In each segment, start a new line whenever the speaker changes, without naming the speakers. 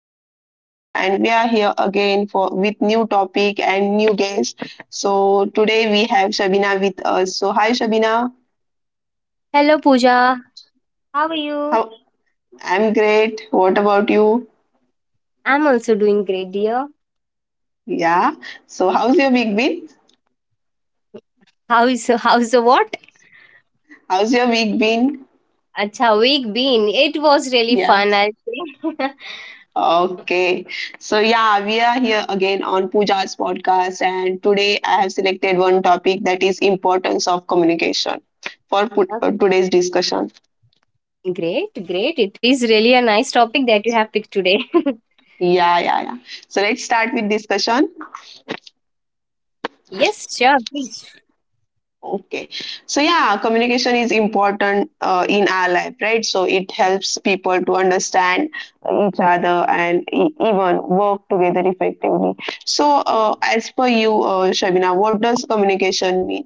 to Pooja's show, and we are here again for with new topic and new guest. So Today we have Shabina with us. So hi, Shabina.
Hello, Pooja. How are you?
How I'm great. What about you?
I'm also doing great, dear.
Yeah. So how's your week been?
How's the what?
How's your week been?
Acha week been. It was really
Yeah.
fun, I'll say.
Okay. So yeah, we are here again on Pooja's podcast, and today I have selected one topic that is importance of communication for
Okay,
today's discussion.
great, great. It is really a nice topic that you have picked today.
Yeah, yeah, yeah. So let's start with discussion.
Yes, sure, please.
Okay. So yeah, communication is important in our life, right? So it helps people to understand each other and even work together effectively. So as per you, Shabina, what does communication mean?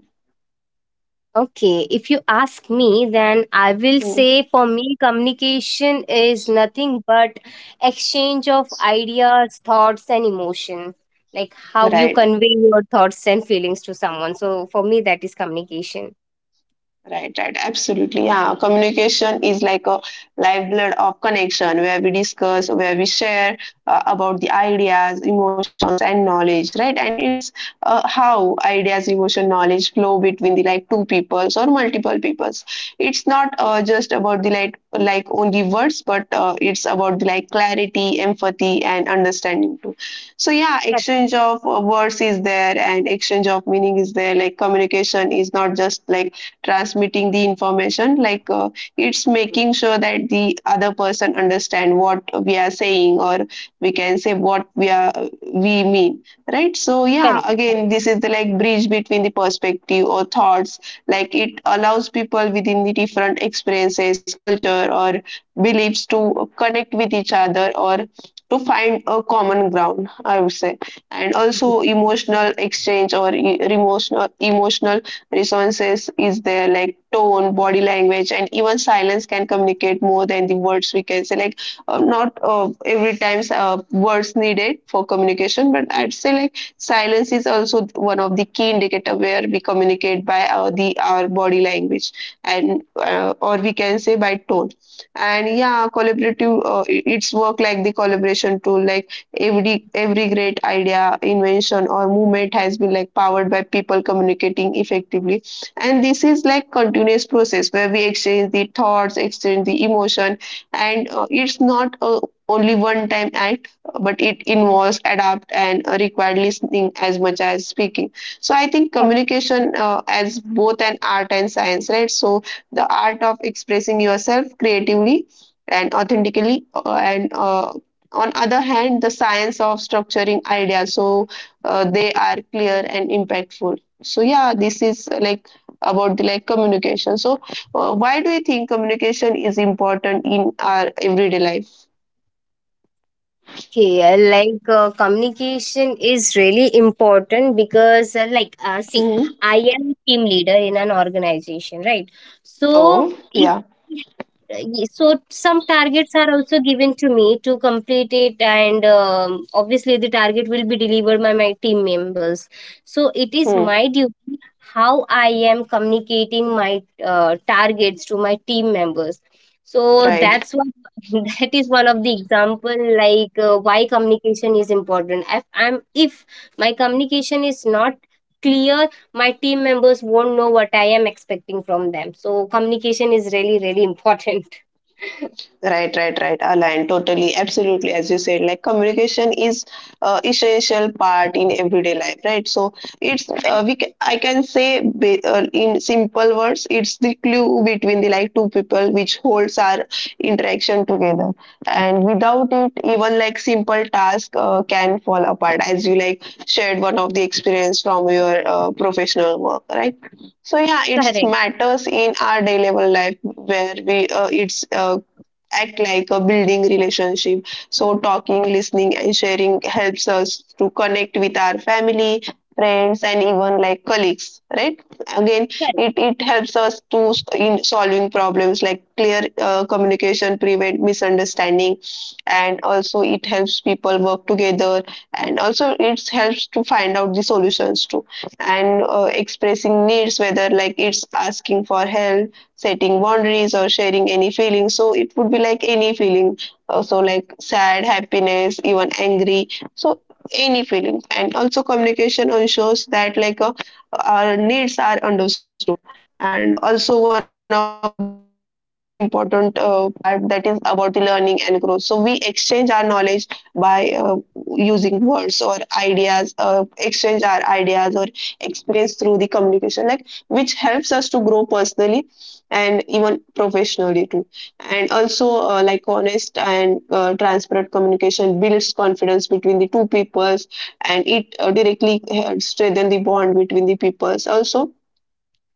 Okay, if you ask me, then I will
Hmm.
say for me, communication is nothing but exchange of ideas, thoughts, and emotion. Like how you
Right.
convey your thoughts and feelings to someone. So for me, that is communication.
Right, right, absolutely. Yeah, communication is like a lifeblood of connection where we discuss, where we share about the ideas, emotions, and knowledge, right? And it's how ideas, emotion, knowledge flow between the like two peoples or multiple peoples. It's not just about the like only words, but it's about the like clarity, empathy, and understanding too. So yeah, exchange of words is there, and exchange of meaning is there. Like communication is not just like transmitting the information like it's making sure that the other person understand what we are saying, or we can say what we mean, right? So yeah,
Correct.
again this is the like bridge between the perspective or thoughts, like it allows people within the different experiences, culture or beliefs to connect with each other or to find a common ground, I would say. And also emotional exchange or emotional resonances is there, like tone, body language, and even silence can communicate more than the words we can say. Like, not every time words needed for communication, but I'd say like silence is also one of the key indicator where we communicate by our body language and or we can say by tone. And yeah, collaborative it's work like the collaboration tool like every great idea, invention, or movement has been like powered by people communicating effectively. And this is like continuous process where we exchange the thoughts, exchange the emotion, and it's not a only one time act, but it involves adapt and required listening as much as speaking. So I think communication as both an art and science, right? So the art of expressing yourself creatively and authentically and on other hand the science of structuring ideas, so they are clear and impactful. So yeah, this is like about the like communication. So why do you think communication is important in our everyday life?
Okay, communication is really important because, see,
Mhm.
I am team leader in an organization, right? So,
Oh
if
yeah.
Ye- so some targets are also given to me to complete it and obviously the target will be delivered by my team members, so it is
Hmm.
my duty how I am communicating my targets to my team members. So
Right.
that's one. That is one of the example, like why communication is important. If my communication is not clear, my team members won't know what I am expecting from them. So communication is really really important.
Right, right, right. Aligned totally, absolutely. As you said, like communication is essential part in everyday life, right? So it's we ca- I can say, in simple words, it's the glue between the like two people which holds our interaction together. And without it, even like simple task can fall apart. As you like shared one of the experience from your professional work, right? So yeah,
Correct,
it's matters in our daily life where we it's act like a building relationship. So talking, listening, and sharing helps us to connect with our family, friends, and even like colleagues, right? Again,
correct,
it helps us to in solving problems, like clear communication prevent misunderstanding, and also it helps people work together, and also it helps to find out the solutions too. And expressing needs, whether like it's asking for help, setting boundaries or sharing any feeling. So it would be like any feeling. So like sad, happiness, even angry. So any feeling. And also communication ensures that our needs are understood. And also one of the like important part, that is about the learning and growth. So we exchange our knowledge by using words or ideas, exchange our ideas or experience through the communication, like which helps us to grow personally and even professionally too. And also, like honest and transparent communication builds confidence between the two peoples, and it directly strengthens the bond between the peoples. Also,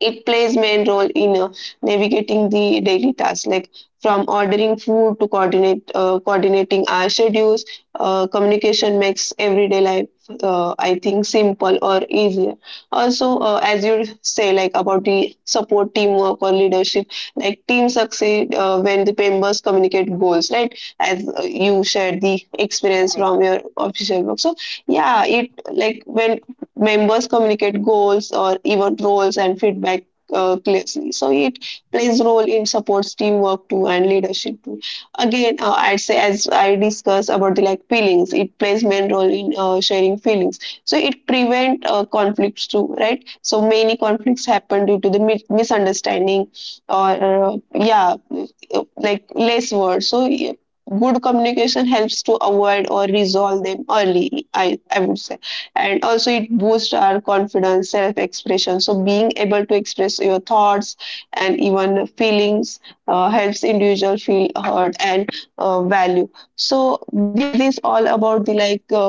it plays main role in navigating the daily tasks, like from ordering food to coordinate coordinating our schedules. Uh, communication makes everyday life I think simple or easier. Also, as you say, like about the support teamwork or leadership, like teams succeed when the members communicate goals, right? As you shared the experience
correct.
from your official work. So yeah, it like when members communicate goals or even roles and feedback clearly. So it plays role in supports teamwork too and leadership too. Again, I'd say as I discussed about the like feelings, it plays main role in sharing feelings. So it prevent conflicts too, right? So many conflicts happen due to the misunderstanding or like less words. So yeah, good communication helps to avoid or resolve them early, I would say. And also it boosts our confidence self expression. So being able to express your thoughts and even feelings helps individual feel heard and value. So this all about the like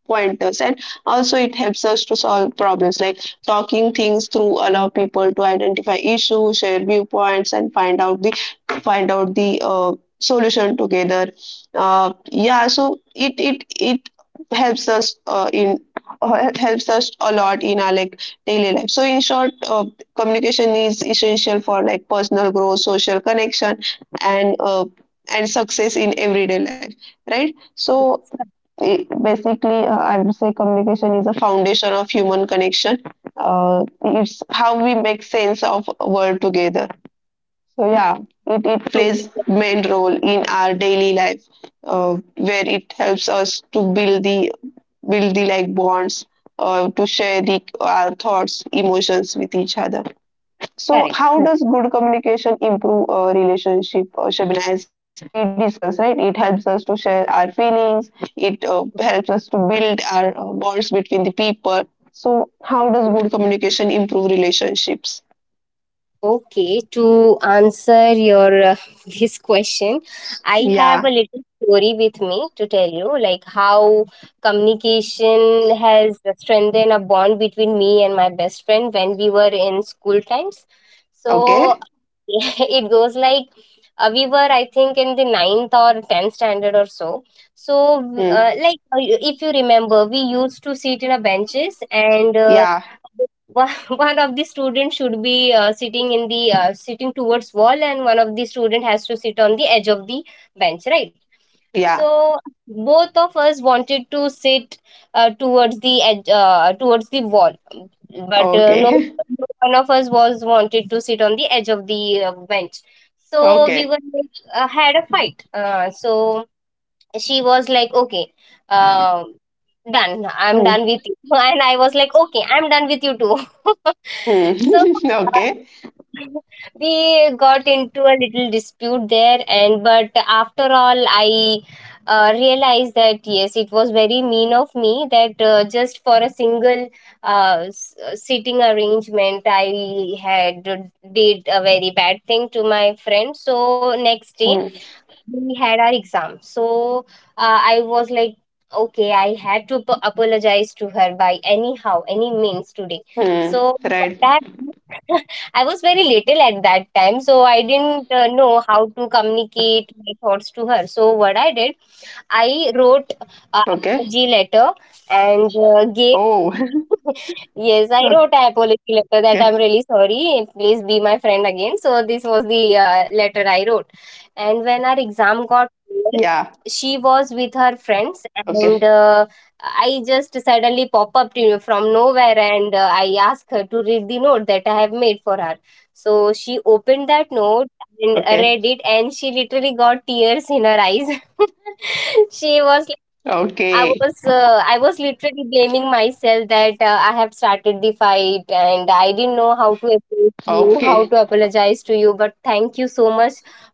pointers. And also it helps us to solve problems, like talking things through allow people to identify issues, share viewpoints and find out the solution together. Uh, yeah, so it helps us in helps us a lot in our like daily life. So in short, communication is essential for like personal growth, social connection, and success in everyday life, right? So basically, I would say communication is a foundation of human connection. Uh, it's how we make sense of world together. So yeah, it plays
Totally
main role in our daily life, where it helps us to build the like bonds, to share the our thoughts, emotions with each other. So,
correct,
how
correct.
does good communication improve a relationship, Shabina? As we discussed, right? It helps us to share our feelings. It helps us to build our bonds between the people. So, how does good communication improve relationships?
Okay, to answer your this question, I have
Yeah.
a little story with me to tell you, like how communication has strengthened a bond between me and my best friend when we were in school times. So
Okay.
it goes like we were, I think, in the ninth or tenth standard or so. So,
Hmm.
if you remember, we used to sit in a benches and.
Yeah.
One of the students should be sitting in the sitting towards wall, and one of the student has to sit on the edge of the bench, right?
Yeah.
So both of us wanted to sit towards the edge, towards the wall, but no
Okay.
no one of us was wanted to sit on the edge of the bench. So we
Okay.
were had a fight, so she was like, okay, uh, done, I'm
Hmm.
done with you. And I was like, okay, I'm done with you too.
Hmm.
So uh,
Okay.
we got into a little dispute there. And but after all I realized that yes, it was very mean of me that just for a single sitting arrangement I had did a very bad thing to my friend. So next day
Hmm.
we had our exam. So I was like, okay, I had to apologize to her by anyhow, any means today.
Hmm.
So
Right.
that I I was very little at that time, so I didn't know how to communicate my thoughts to her. So what I did, I wrote
Okay.
a apology letter and
Oh.
gave. Yes,
Okay.
I wrote an apology letter that I'm really sorry. Please be my friend again. So this was the letter I wrote. And when our
Yeah.
exam got over, she was with her
Okay.
friends, and I just suddenly pop up to from nowhere, and I asked her to read the note that I have made for her. So she
Okay.
opened that note and read it, and she literally got tears in her eyes. She
Okay.
was like, I was literally blaming myself that I have started the fight and I didn't know how to
Okay.
approach you, how to apologize to you, but thank you so much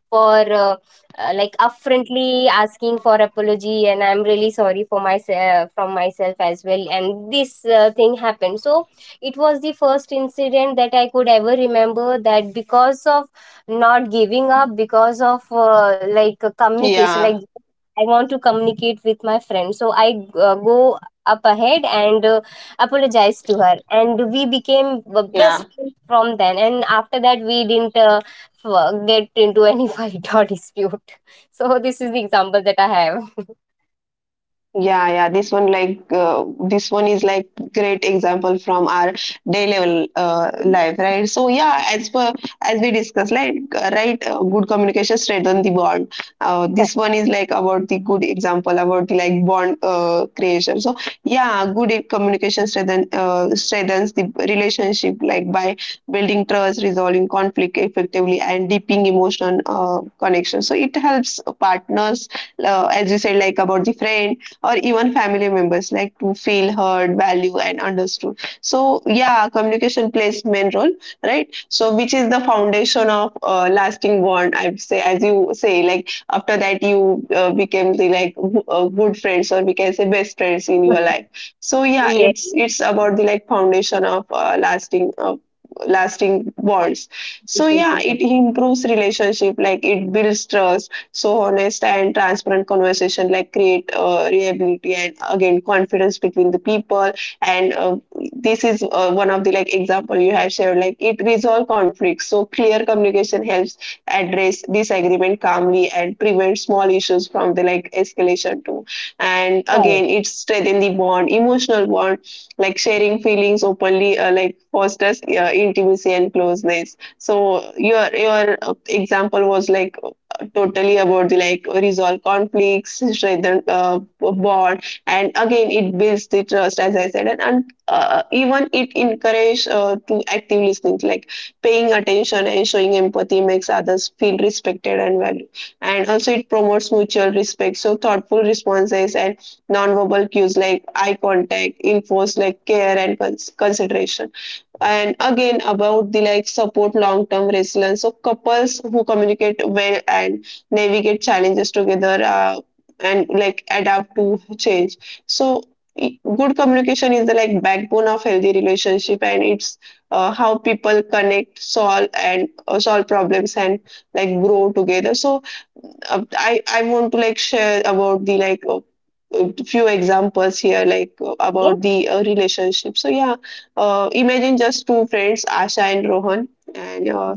for uh, upfrontly asking for apology, and I'm really sorry for myself, from myself as well. And this thing happened. So it was the first incident that I could ever remember that because of not giving up, because of like
Yeah,
communication, like I want to communicate with my friend. So I go up ahead and apologize to her. And we became the
yeah.
best friends from then. And after that, we didn't get into any fight or dispute. So this is the example that I have.
Yeah, yeah. This one like this one is like great example from our day level life, right? So yeah, as we discussed, like good communication strengthen the bond. This
Correct.
one is like about the good example about the like bond creation. So yeah, good communication strengthens the relationship, like by building trust, resolving conflict effectively, and deepening emotional connection. So it helps partners, as you said, like about the friend or even family members, like to feel heard, valued and understood. So yeah, communication plays main role, right? So which is the foundation of lasting bond, I would say, as you say like after that you became the like good friends, or we can say best friends in your life. So yeah,
Yeah.
it's about the like foundation of lasting bonds. So yeah,
Relationship
it
is
improves relationship, like it builds trust. So honest and transparent conversation like create reliability and again confidence between the people. And this is one of the like example you have shared. Like it resolve conflicts. So clear communication helps address disagreement calmly and prevent small issues from the like escalation too. And
correct.
again, it strengthens the bond, emotional bond, like sharing feelings openly, like fosters intimacy and closeness. So your example was like totally about the like resolve conflicts, strengthen bond, and again it builds the trust, as I said, and even it encourages to active listening, like paying attention and showing empathy makes others feel respected and valued, and also it promotes mutual respect. So thoughtful responses and nonverbal cues like eye contact, enforce like care and consideration. And again about the like support long term resilience. So couples who communicate well and navigate challenges together and like adapt to change. So good communication is the like backbone of healthy relationship, and it's how people connect, solve problems and like grow together. So I want to like share about the like few examples here, like
Yes,
about the relationship. So yeah, imagine just two friends, Asha and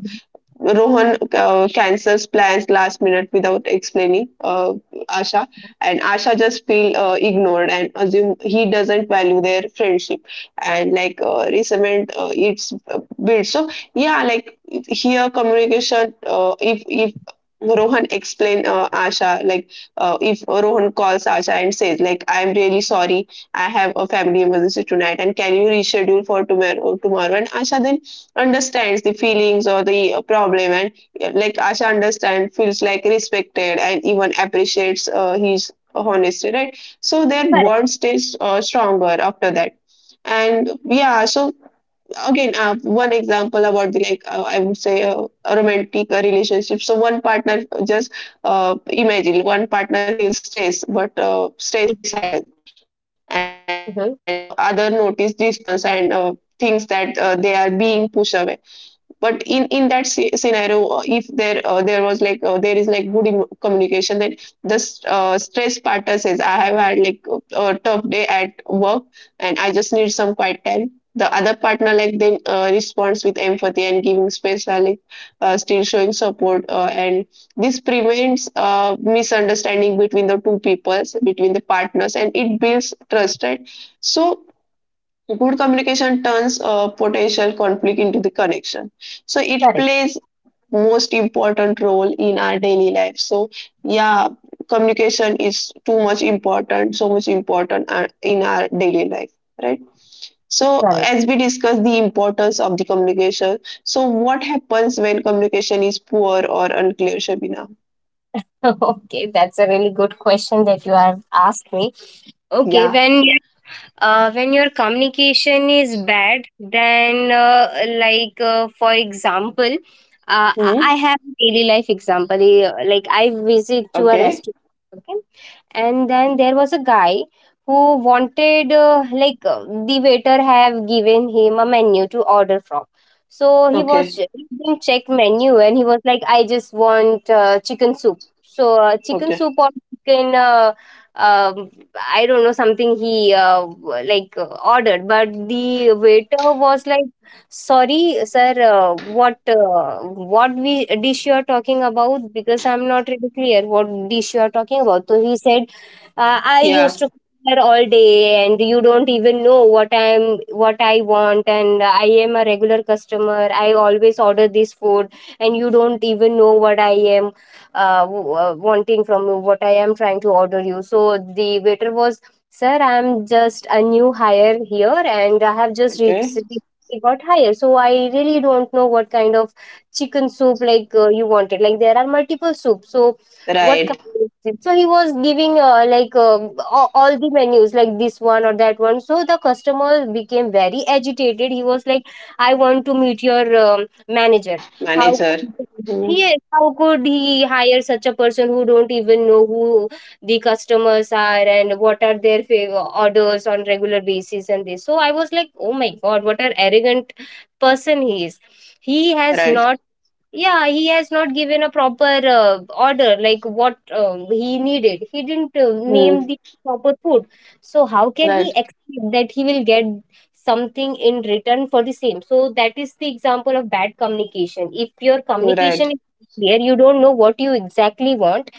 Rohan cancels plans last minute without explaining Asha, and Asha just feel ignored and assume he doesn't value their friendship, and resentment it's built. So yeah, like here communication. If Rohan explain Asha like if Rohan calls Asha and says like I'm really sorry I have a family emergency tonight and can you reschedule for tomorrow and Asha then understands the feelings or the problem and like Asha understand feels like respected and even appreciates his honesty, right? So their
correct.
bond stays stronger after that. And yeah, so again, one example about the like I would say a romantic relationship. So one partner just imagine one partner feels stress but stays silent, and the other
Mhm.
notice distance and thinks that they are being pushed away. But in that scenario, if there there was like there is like good communication, then the stress partner says I have had like a tough day at work and I just need some quiet time. The other partner like then responds with empathy and giving space while like, still showing support, and this prevents misunderstanding between the two peoples, between the partners, and it builds trust, right? So good communication turns a potential conflict into the connection. So it
Correct.
plays most important role in our daily life. So yeah, communication is too much important, so much important in our daily life, right? So
Correct.
as we discuss the importance of the communication, so what happens when communication is poor or unclear, Shabina?
Okay, that's a really good question that you have asked me. Okay,
Yeah.
when your communication is bad, then for example,
Hmm.
I have a daily life example. Like, I visit to a
Okay.
restaurant, okay, and then there was a guy who wanted, the waiter have given him a menu to order from. So he was,
Okay.
he didn't check menu, and he was like, I just want chicken soup. So chicken
Okay.
soup or chicken um, I don't know something he ordered. But the waiter was like, sorry sir, what we dish you are talking about, because I'm not really clear what dish you are talking about. So he said, I
Yeah.
used to there all day, and you don't even know what I want, and I am a regular customer, I always order this food, and you don't even know what I am wanting from you, what I am trying to order you. So the waiter was, sir, I'm just a new hire here, and I have just
Okay.
recently got hired, so I really don't know what kind of chicken soup, like you wanted, like there are multiple soups. So
Right.
what kind of tips? So he was giving, all the menus, like this one or that one. So the customer became very agitated. He was like, I want to meet your manager.
Man.
How could
Hmm.
yes, how could he hire such a person who don't even know who the customers are and what are their favor orders on regular basis, and this. So I was like, oh my god, what an arrogant person he is. He has
Right.
not, yeah, he has not given a proper order, like what he needed. He didn't
Hmm.
name the proper food. So how can he
Right.
expect that he will get something in return for the same? So that is the example of bad communication. If your
You're
communication
right.
is clear, you don't know what you exactly want,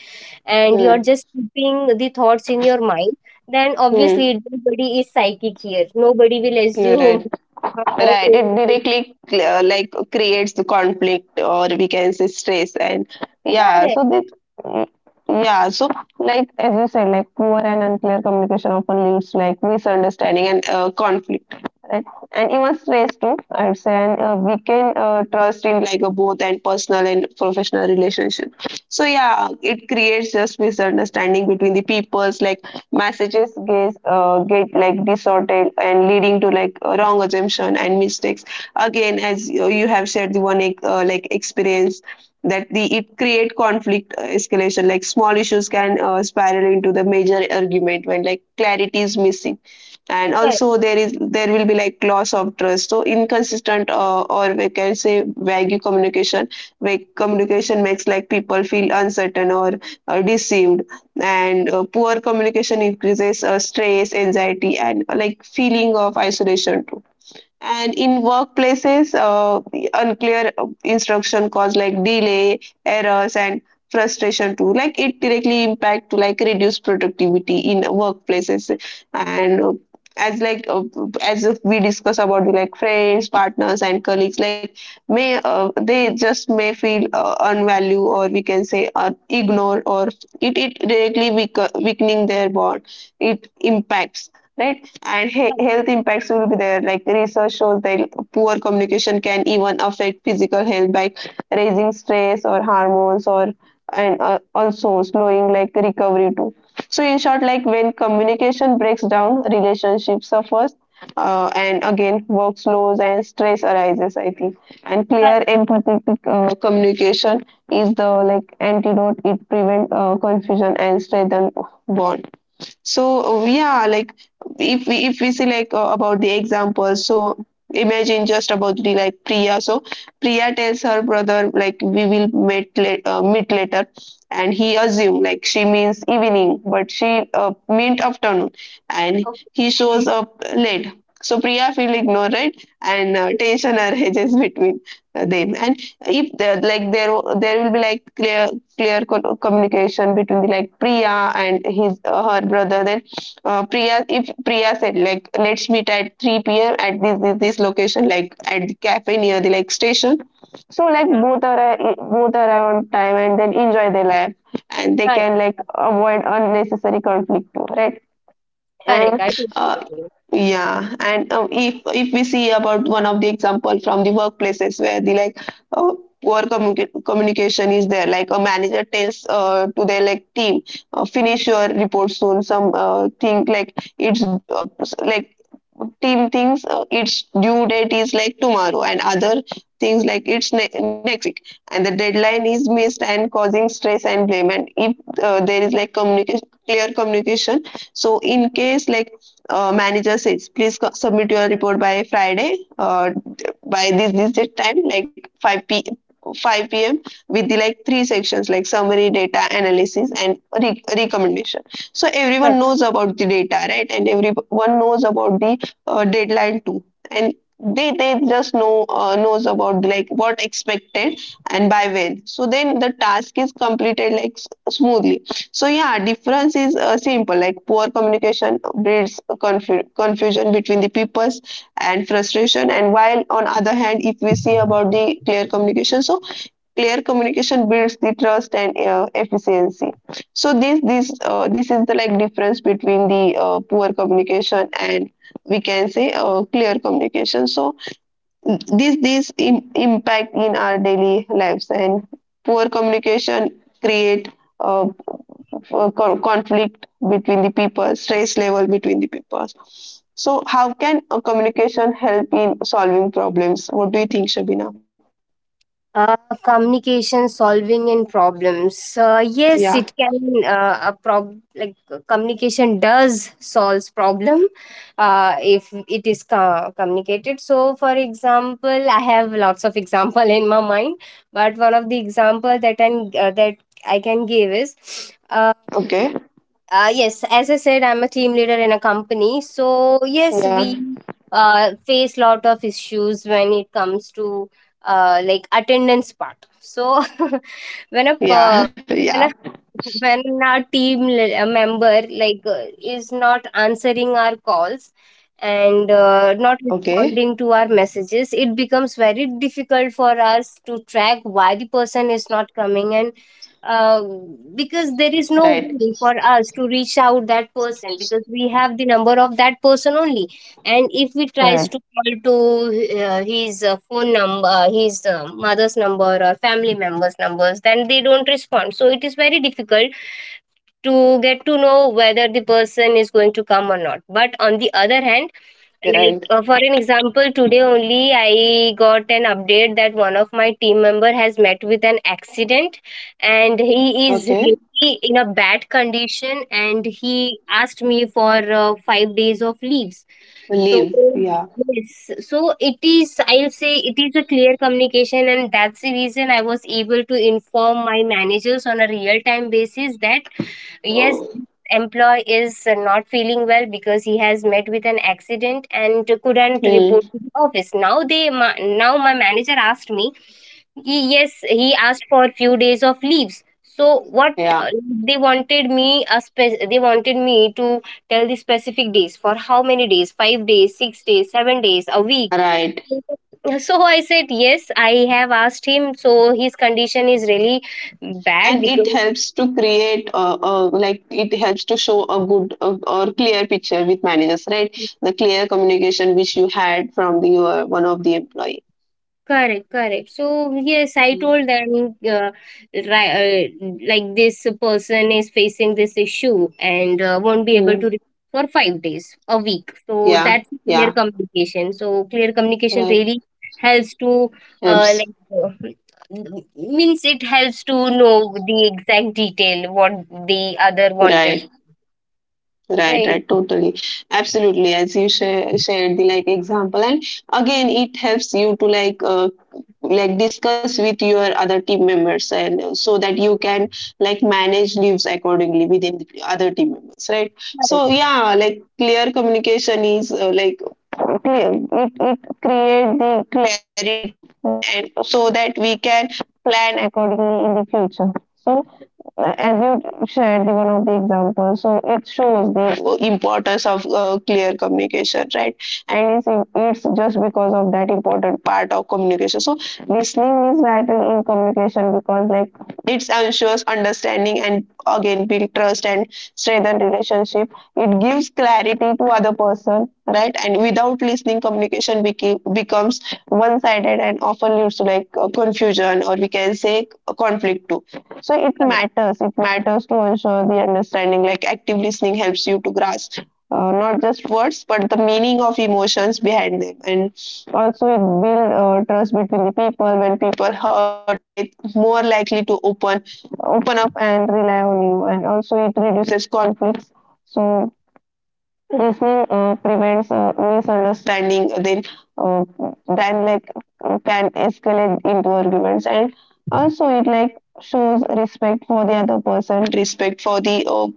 and you
Hmm.
are just keeping the thoughts in your mind, then
Hmm.
obviously nobody is psychic here, nobody will
No,
assume.
right.
Or,
Right. It directly like creates the conflict, or we can say stress, and yeah.
correct,
So this, mm, yeah. So like as you said, like poor and unclear communication often leads like misunderstanding and conflict, right? And even stress too, I'd say, and we can trust in like a both and personal and professional relationship. So yeah, it creates just misunderstanding between the peoples, like messages get like distorted and leading to like a wrong assumption and mistakes. Again, as you have shared the one like experience, that the it create conflict escalation, like small issues can spiral into the major argument when like clarity is missing. And
correct,
also there will be like loss of trust. So inconsistent or we can say vague communication, vague communication makes like people feel uncertain or deceived. And poor communication increases stress, anxiety, and like feeling of isolation too. And in workplaces, the unclear instruction cause like delay, errors, and frustration too. Like it directly impact to like reduce productivity in workplaces. And as like uh, as if we discuss about the, like friends, partners, and colleagues, like may they just may feel unvalue or we can say ignored, or it directly weak, weakening their bond. It impacts right and
correct,
health impacts will be there. Like research shows that poor communication can even affect physical health by raising stress or hormones, or and also slowing like recovery too. So in short, like when communication breaks down, relationship suffers. And again, work slows and stress arises, I think. And
correct.
clear empathetic communication is the like antidote. It prevents confusion and strengthen bond. So yeah, like if we see like about the example, so imagine just about the like Priya. So Priya tells her brother like we will meet late, meet later, and he assume like she means evening, but she meant afternoon, and he shows
Okay.
up late. So Priya feel ignored, right? And tension arises between them, and if there will be like clear clear communication between the, like Priya and his her brother. Then if Priya said like let's meet at 3 p.m. at this, this this location, like at the cafe near the like station. So like
Mhm.
both are both are on time and then enjoy their life, and they
Correct,
can like avoid unnecessary conflict too, right?
correct. I
And
totally
uh,
agree.
yeah, and if we see about one of the example from the workplaces where the like uh, poor communication is there, like a manager tells to their like team finish your report soon, some think like it's like team thinks its due date is like tomorrow and other things like it's next week, and the deadline is missed and causing stress and blame. And if there is like communication, clear communication, so in case like manager says, please submit your report by Friday, by this this this time, like 5 p. 5 p.m. with the like three sections like summary, data analysis, and recommendation. So
Correct.
everyone knows about the data, right? And everyone knows about the deadline too. And they just know knows about like what expected and by when, so then the task is completed like smoothly. So yeah, difference is simple. Like poor communication breeds confusion between the peoples and frustration. And while on other hand, if we see about the clear communication, so clear communication builds the trust and efficiency. So this is the like difference between the poor communication and we can say clear communication. So this impact in our daily lives, and poor communication create uh, conflict between the people, stress level between the people. So how can a communication help in solving problems? What do you think, Shabina?
Uh, Communication solving and problems. Yes,
Yeah.
it can. A prob like Communication does solves problem. If it is communicated. So, for example, I have lots of example in my mind, but one of the example that I am that I can give is. Uh,
Okay.
Yes, as I said, I'm a team leader in a company. So yes,
Yeah.
we face lot of issues when it comes to like attendance part. So when a
Yeah.
per-
Yeah.
when a when our a member, like is not answering our calls and
Okay.
not responding to our messages, it becomes very difficult for us to track why the person is not coming and uh, because there
Right.
is no way for us to reach out that person, because we have the number of that person only. And if we
Right.
tries to call to his phone number, his mother's number or family members numbers, then they don't respond. So it is very difficult to get to know whether the person is going to come or not. But on the other hand,
Right.
like for an example, today only I got an update that one of my team member has met with an accident, and he is
Okay.
really in a bad condition. And he asked me for 5 days of leaves. So
Leave, yeah.
yes, so it is. I'll say it is a clear communication, and that's the reason I was able to inform my managers on a real time basis that yes, employee is not feeling well because he has met with an accident and couldn't
Hmm.
report to the office. Now they now my manager asked me, " yes, he asked for a few days of leaves. So what
Yeah.
they wanted me to tell the specific days, for how many days, 5 days, 6 days, 7 days a week.
Right.
So I said yes, I have asked him, so his condition is really bad
And it
because.
helps to create like it helps to show a good or clear picture with managers, right? The clear communication which you had from the your one of the employee.
Correct, correct. So yes, I told them, like, this person is facing this issue and won't be able
Hmm.
to report for 5 days a week. So
Yeah.
that's clear
Yeah.
communication. So clear communication
Right.
really helps to uh,
Helps.
like uh, means it helps to know the exact detail what the other wanted.
Right. Right,
Right,
right, totally, absolutely. As you share, shared the like example, and again, it helps you to like discuss with your other team members, and so that you can like manage leaves accordingly within the other team members, right? So
correct,
yeah, like clear communication is like clear. It create the clarity, right, and so that we can plan accordingly in the future. So as you shared the one of the examples, so it shows the importance of clear communication, right? And it's just because of that important part of communication. So listening is vital in communication because like it ensures understanding and again build trust and strengthen relationship. It gives clarity to other person, right? And without listening, communication becomes one-sided and often leads to like confusion or we can say conflict too. So it matters to ensure the understanding. Like active listening helps you to grasp not just words but the meaning of emotions behind them. And also it builds trust between the people. When people heard, they more likely to open up and rely on you. And also it reduces conflicts. So mhm, prevents misunderstanding, uh, then like can escalate into arguments. And also it like shows respect for the other person, respect for the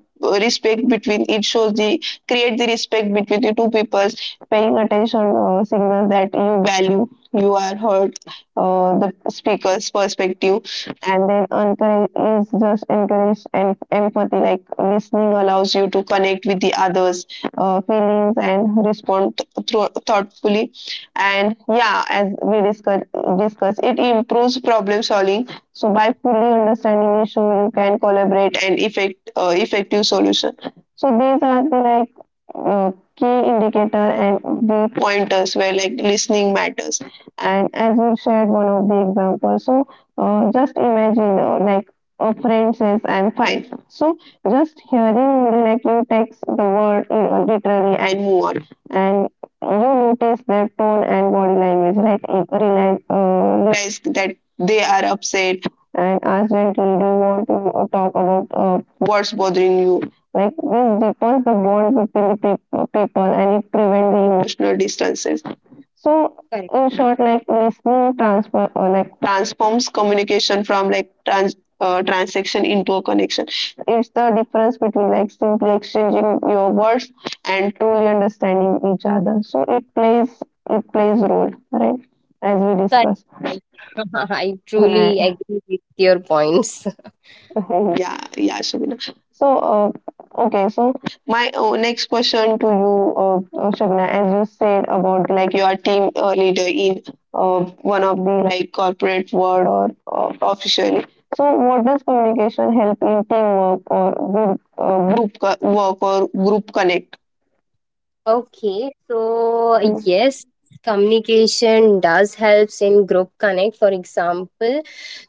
respect between, it shows the create the respect between the two peoples. Paying attention signals that you value, you are heard, the speaker's perspective. And then encourage is just encourage and empathy. Like listening allows you to connect with the others feelings and respond thoughtfully. And yeah, as we it improves problem solving. So by fully understanding issue, you can collaborate and effective solution. So these are the like key indicator and the pointers where like listening matters. And as we shared one of the examples, so just imagine like a friend says, "I'm fine." So just hearing like you takes the word in literally and move on. And you notice their tone and body language, right? You realize that they are upset and ask gently, do you want to talk about what's bothering you? Like this deepens the bond between the people, and it prevents the emotional distances.
correct,
In short, like listening transfer or like transforms communication from like transaction into a connection. It's the difference between like simply exchanging your words and truly understanding each other. So it plays role, right? As we
correct.
discussed.
I truly agree with your points.
Yeah, yeah, Shabina. So, okay, so my next question to you, Shabina, as you said about like you are team leader in uh, one of the like corporate world or officially. So, what does communication help in teamwork or group, work or group connect?
Okay, so
Mm,
yes, communication does helps in group connect. For example,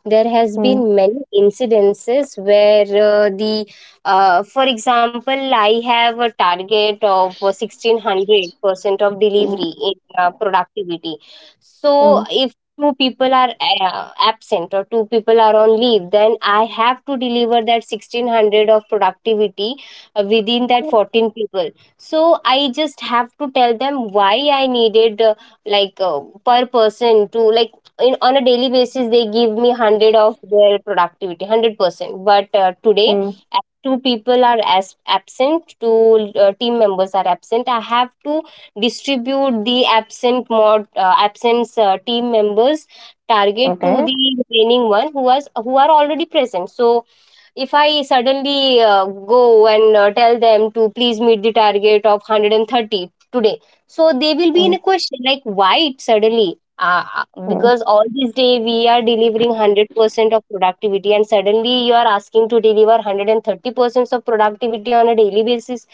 there has
mm,
been many incidences where the for example I have a target of 1600% of delivery
mm,
in productivity. So
mm,
if two people are absent or two people are on leave, then I have to deliver that 1600 of productivity within that 14 people. So I just have to tell them why I needed like uh, per person to, on a daily basis, they give me 100 of their productivity, 100%. But today,
mm.
as two people are as absent, two team members are absent, I have to distribute the absent mod absence team members' target to
Okay.
the remaining one who was who are already present. So if I suddenly go and tell them to please meet the target of 130 today, so they will be in
Mm,
a question like, why it suddenly
mm,
because all this day we are delivering 100% of productivity and suddenly you are asking to deliver 130% of productivity on a daily basis.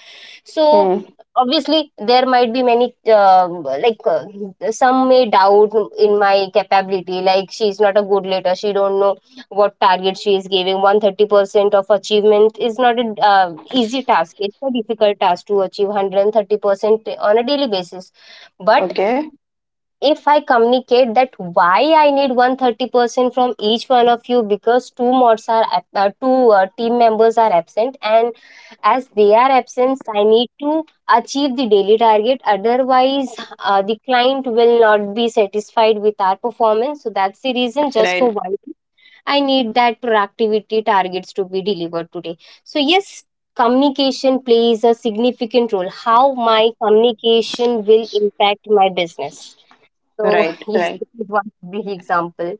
So
mm.
obviously there might be many some may doubt in my capability, like, she's not a good leader, she don't know what target she is giving. 130% of achievement is not an easy task. It's a difficult task to achieve 130% on a daily basis. But
Okay.
if I communicate that why I need 130% from each one of you, because two team members are absent, and as they are absent I need to achieve the daily target, otherwise the client will not be satisfied with our performance. So that's the reason just
Right.
for why I need that productivity targets to be delivered today. So yes, communication plays a significant role. How my communication will impact my business. So
Right.
yes,
Right.
this is one big example.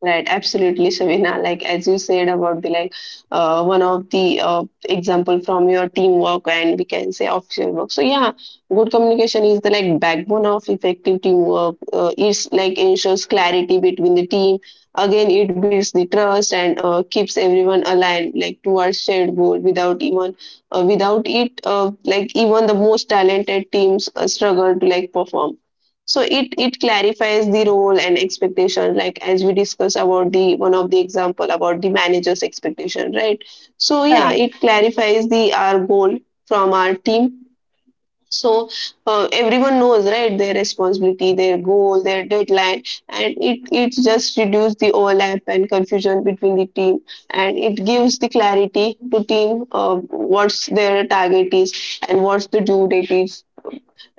Right, absolutely, Shavina. Like as you said about the like one of the example from your teamwork, and we can say official work. So yeah, good communication is the like backbone of effective teamwork. It's like ensures clarity between the team. Again, it builds the trust and keeps everyone aligned like towards shared goal. Without it, like even the most talented teams struggle to like perform, so it clarifies the role and expectation, like as we discuss about the one of the example about the manager's expectation, right? So yeah,
Correct,
it clarifies the our goal from our team, so everyone knows, right, their responsibility, their goal, their deadline, and it just reduces the overlap and confusion between the team, and it gives the clarity to team what's their target is, and what's the due date is,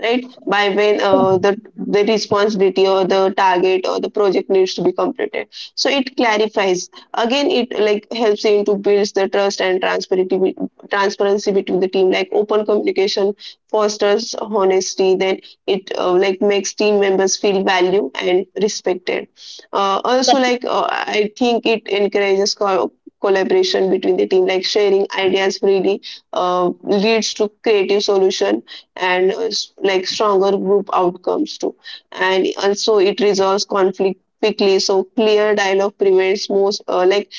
right, by when the responsibility or the target or the project needs to be completed. So it clarifies. Again, it like helps in to build the trust and transparency between the team, like open communication fosters honesty. Then it like makes team members feel valued and respected. Also,
correct,
like I think it encourages collaboration between the team, like sharing ideas freely. Leads to creative solution, and like stronger group outcomes too. And also it resolves conflict quickly. So clear dialogue prevents most like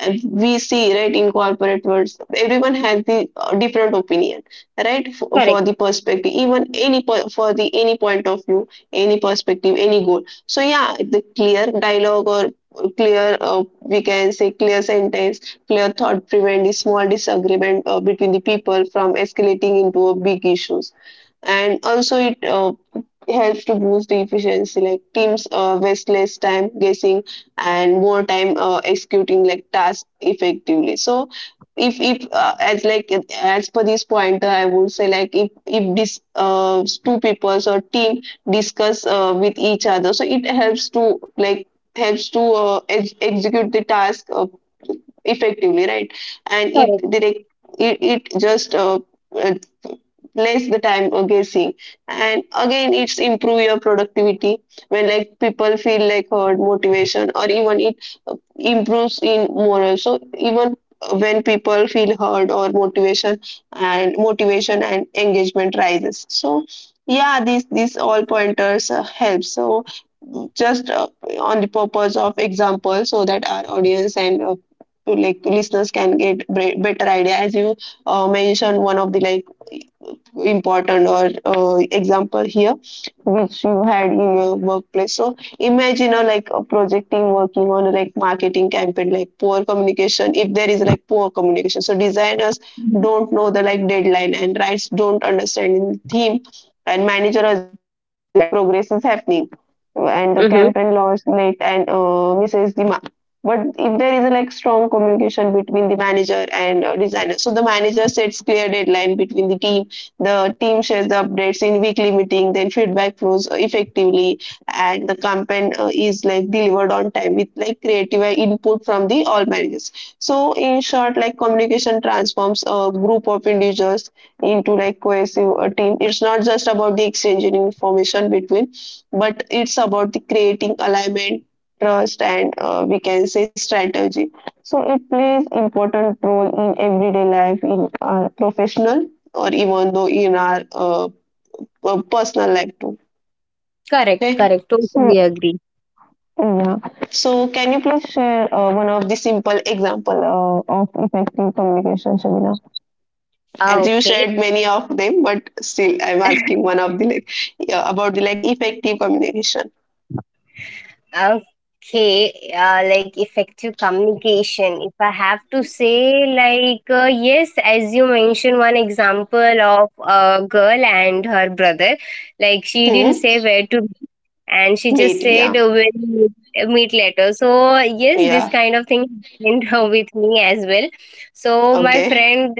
we see, right, in corporate words, everyone has the different opinion, right? For
correct,
the perspective, even for the any point of view, any perspective, any goal. So yeah, the clear dialogue or clear, we can say, clear sentence, clear thought prevent the small disagreement between the people from escalating into a big issues. And also it helps to boost the efficiency, like teams waste less time guessing, and more time executing like tasks effectively. So if as like as per this pointer, I would say, like, if this two peoples or team discuss with each other, so it helps to execute the task effectively, right? And it
correct,
direct it, it just less the time of guessing. And again, it's improve your productivity when, like, people feel like heard, motivation, or even it improves in morale. So even when people feel heard or motivation and motivation and engagement rises,
correct.
so yeah, these
Yes.
all pointers help. So just on the purpose of example, so that our audience and to, like, listeners can get better idea, as you mentioned one of the like important or example here, which you had in your workplace. So imagine a, like, a project team working on a, like, marketing campaign. Like poor communication, if there is like poor communication, so designers don't know the like deadline, and rights don't understand the theme, and manager assume that the like progress is happening, and the
Mm-hmm.
campaign launch late and misses the mark. But if there is a like strong communication between the manager and designer, so the manager sets clear deadline between the team. The team shares the updates in weekly meeting, then feedback flows effectively, and the campaign is like delivered on time with like creative input from the all managers. So in short, like communication transforms a group of individuals into like cohesive team. It's not just about the exchanging information between, but it's about the creating alignment, trust, and we can say strategy. So it plays important role in everyday life, in our professional, or even though in our personal life too.
Correct,
Okay.
correct,
So,
totally agree.
yeah. So can you please share one of the simple example of effective communication, Shabina?
Ah,
As you
okay.
shared many of them, but still I'm asking one of the like, yeah, about the like effective communication.
Okay, like effective communication. If I have to say, like, yes, as you mentioned, one example of a girl and her brother, like, she didn't
Hmm.
say where to be, and she just
Meet.
said
Yeah.
we'll meet later. So yes, this
Yeah.
kind of thing happened with me as well. So my
Okay.
friend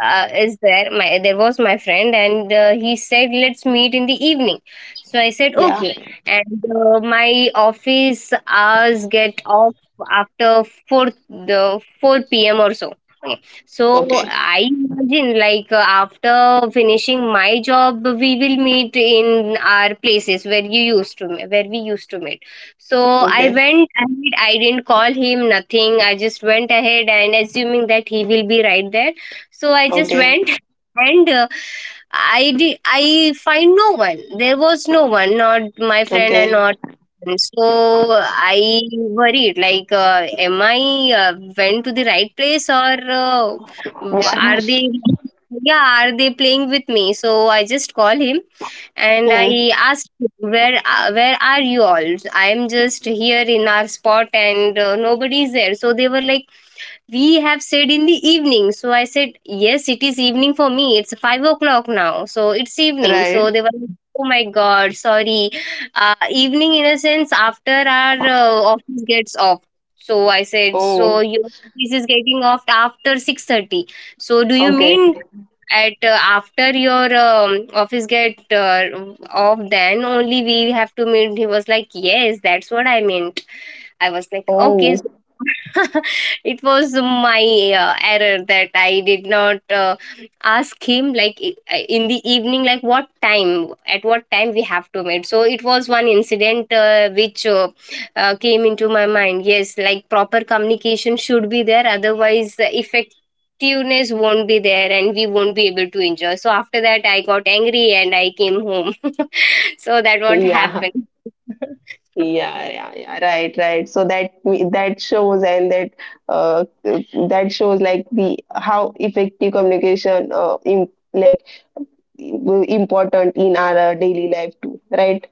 is there my there was my friend, and he said, let's meet in the evening. So I said,
Yeah.
okay. And my office hours get off after 4, the 4 p.m or so. Okay. So
Okay.
I imagine, after finishing my job we will meet in our places where you used to me- where we used to meet. So I
Okay.
went ahead, I didn't call him nothing, I just went ahead and assuming that he will be right there. So I just
Okay.
went. And I find no one. There was no one. Not my friend and
Okay.
not. So I worried, like, am I went to the right place? Or uh,
Yeah.
are they, yeah, are they playing with me? So I just call him and
Hmm.
I asked him, where are you all? I'm just here in our spot and nobody is there. So they were like, we have said in the evening. So I said, yes, it is evening for me. It's 5 o'clock now. So it's evening. So
Right.
they were, like, oh my God, sorry. Evening in a sense after our office gets off. So I said, so
Oh.
your office is getting off after 6:30. So do you
Okay.
mean at after your office get off then only we have to meet? He was like, yes, that's what I meant. I was like,
Oh.
okay. So it was my error that I did not ask him like, in the evening, like, what time, at what time we have to meet. So it was one incident which came into my mind. Yes, like proper communication should be there, otherwise the effectiveness won't be there and we won't be able to enjoy. So after that I got angry and I came home. So that what
Yeah.
happened.
Yeah, yeah, yeah. Right, right. So that that shows, and that uh that shows, like, the how effective communication im like important in our daily life too, right?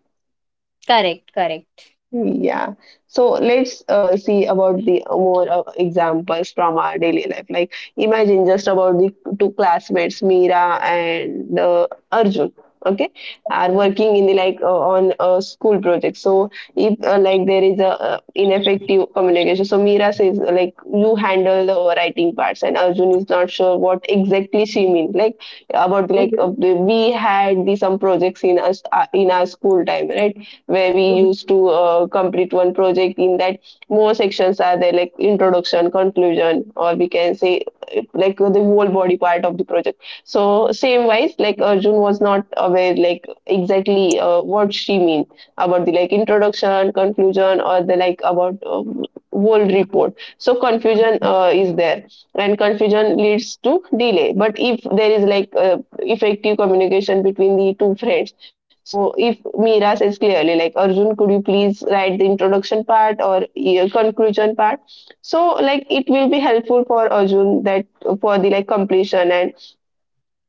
Correct, correct.
Yeah. So let's see about the more examples from our daily life. Like imagine just about the two classmates, Meera and Arjun. Okay, are working in the like on a school project. So if like there is a ineffective communication, so Meera says, like, you handle the writing parts, and Arjun is not sure what exactly she means. Like about, like,
Mhm.
we had the some projects in our school time, right? Where we
Mhm.
used to complete one project, in that more sections are there, like introduction, conclusion, or we can say like the whole body part of the project. So same wise, like Arjun was not aware like exactly what she mean about the like introduction, conclusion, or the like about whole report. So confusion is there, and confusion leads to delay. But if there is like effective communication between the two friends, so if Meera says clearly, like, Arjun, could you please write the introduction part or, yeah, conclusion part? So like it will be helpful for Arjun that for the like completion, and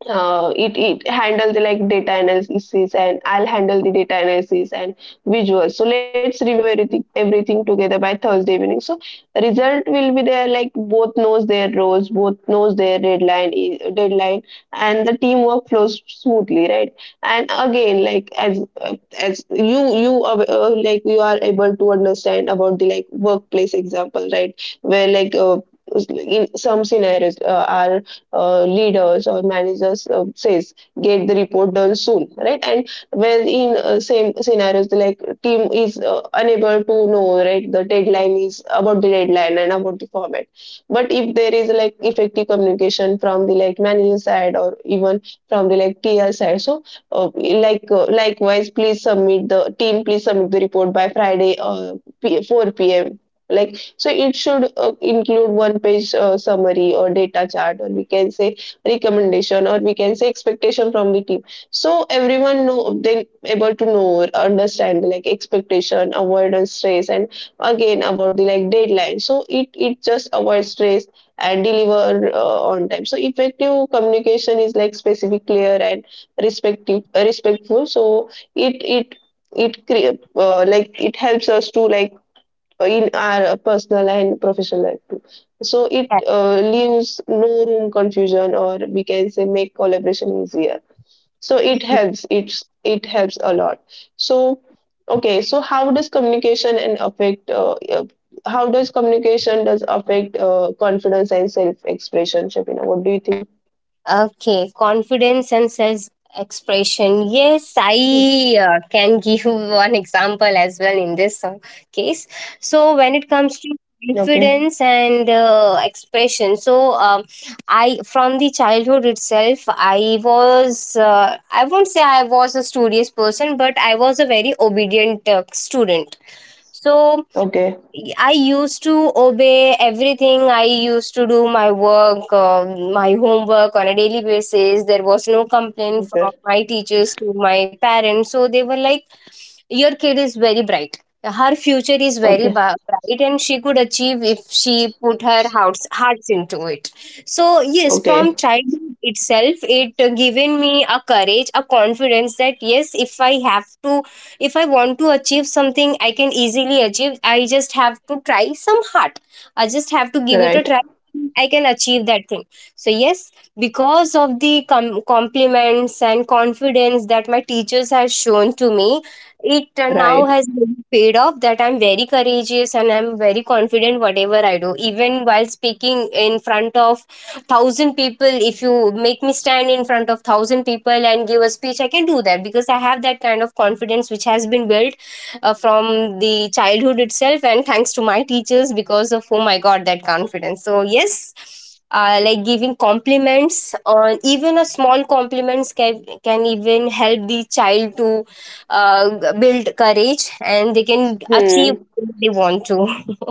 it handle the like data analysis, and I'll handle the data analysis and visuals. So let's review everything together by Thursday evening. So result will be there, like, both knows their roles, both knows their deadline, and the teamwork flows smoothly, right? And again, like, as you are, like, you are able to understand about the like workplace example, right? Where like in some scenarios are leaders or managers says, get the report done soon, right? And when, in same scenarios, the, like, team is unable to know right the deadline is, about the deadline and about the format. But if there is like effective communication from the like manager side, or even from the like tr side, so like, likewise, please submit the report by Friday, 4 p.m., like, so it should include one page summary or data chart, or we can say recommendation, or we can say expectation from the team. So everyone know, they able to know or understand, like, expectation, avoidance, stress, and again about the like deadline. So it just avoids stress and deliver on time. So effective communication is like specific, clear, and respectful. So it it it like it helps us to like in our personal and professional life too. So it leaves no room confusion, or we can say make collaboration easier. So it helps. It helps a lot. So okay. So how does communication and affect? How does communication does affect confidence and self expression, Shapina? What do you think?
Okay, confidence and self expression. Yes, I can give one example as well in this case. So when it comes
Okay.
to confidence and expression, so I from the childhood itself, I was I won't say I was a studious person, but I was a very obedient student. So
Okay.
I used to obey everything. I used to do my work, my homework on a daily basis. There was no complaint
Okay.
from my teachers to my parents. So they were like, your kid is very bright, her future is
Okay.
very bright, and she could achieve if she put her hearts into it. So yes,
Okay.
from childhood itself it given me a courage, a confidence, that yes, if I have to, if I want to achieve something, I can easily achieve. I just have to try some hard, I just have to give it a
Right.
try. I can achieve that thing. So yes, because of the compliments and confidence that my teachers have shown to me, it now
Right.
has really paid off, that I'm very courageous and I'm very confident whatever I do. Even while speaking in front of 1,000 people, if you make me stand in front of 1,000 people and give a speech, I can do that, because I have that kind of confidence which has been built from the childhood itself, and thanks to my teachers because of whom I got that confidence. So yes. Like, giving compliments, on even a small compliments can even help the child to build courage and they can achieve
Hmm.
what they want to.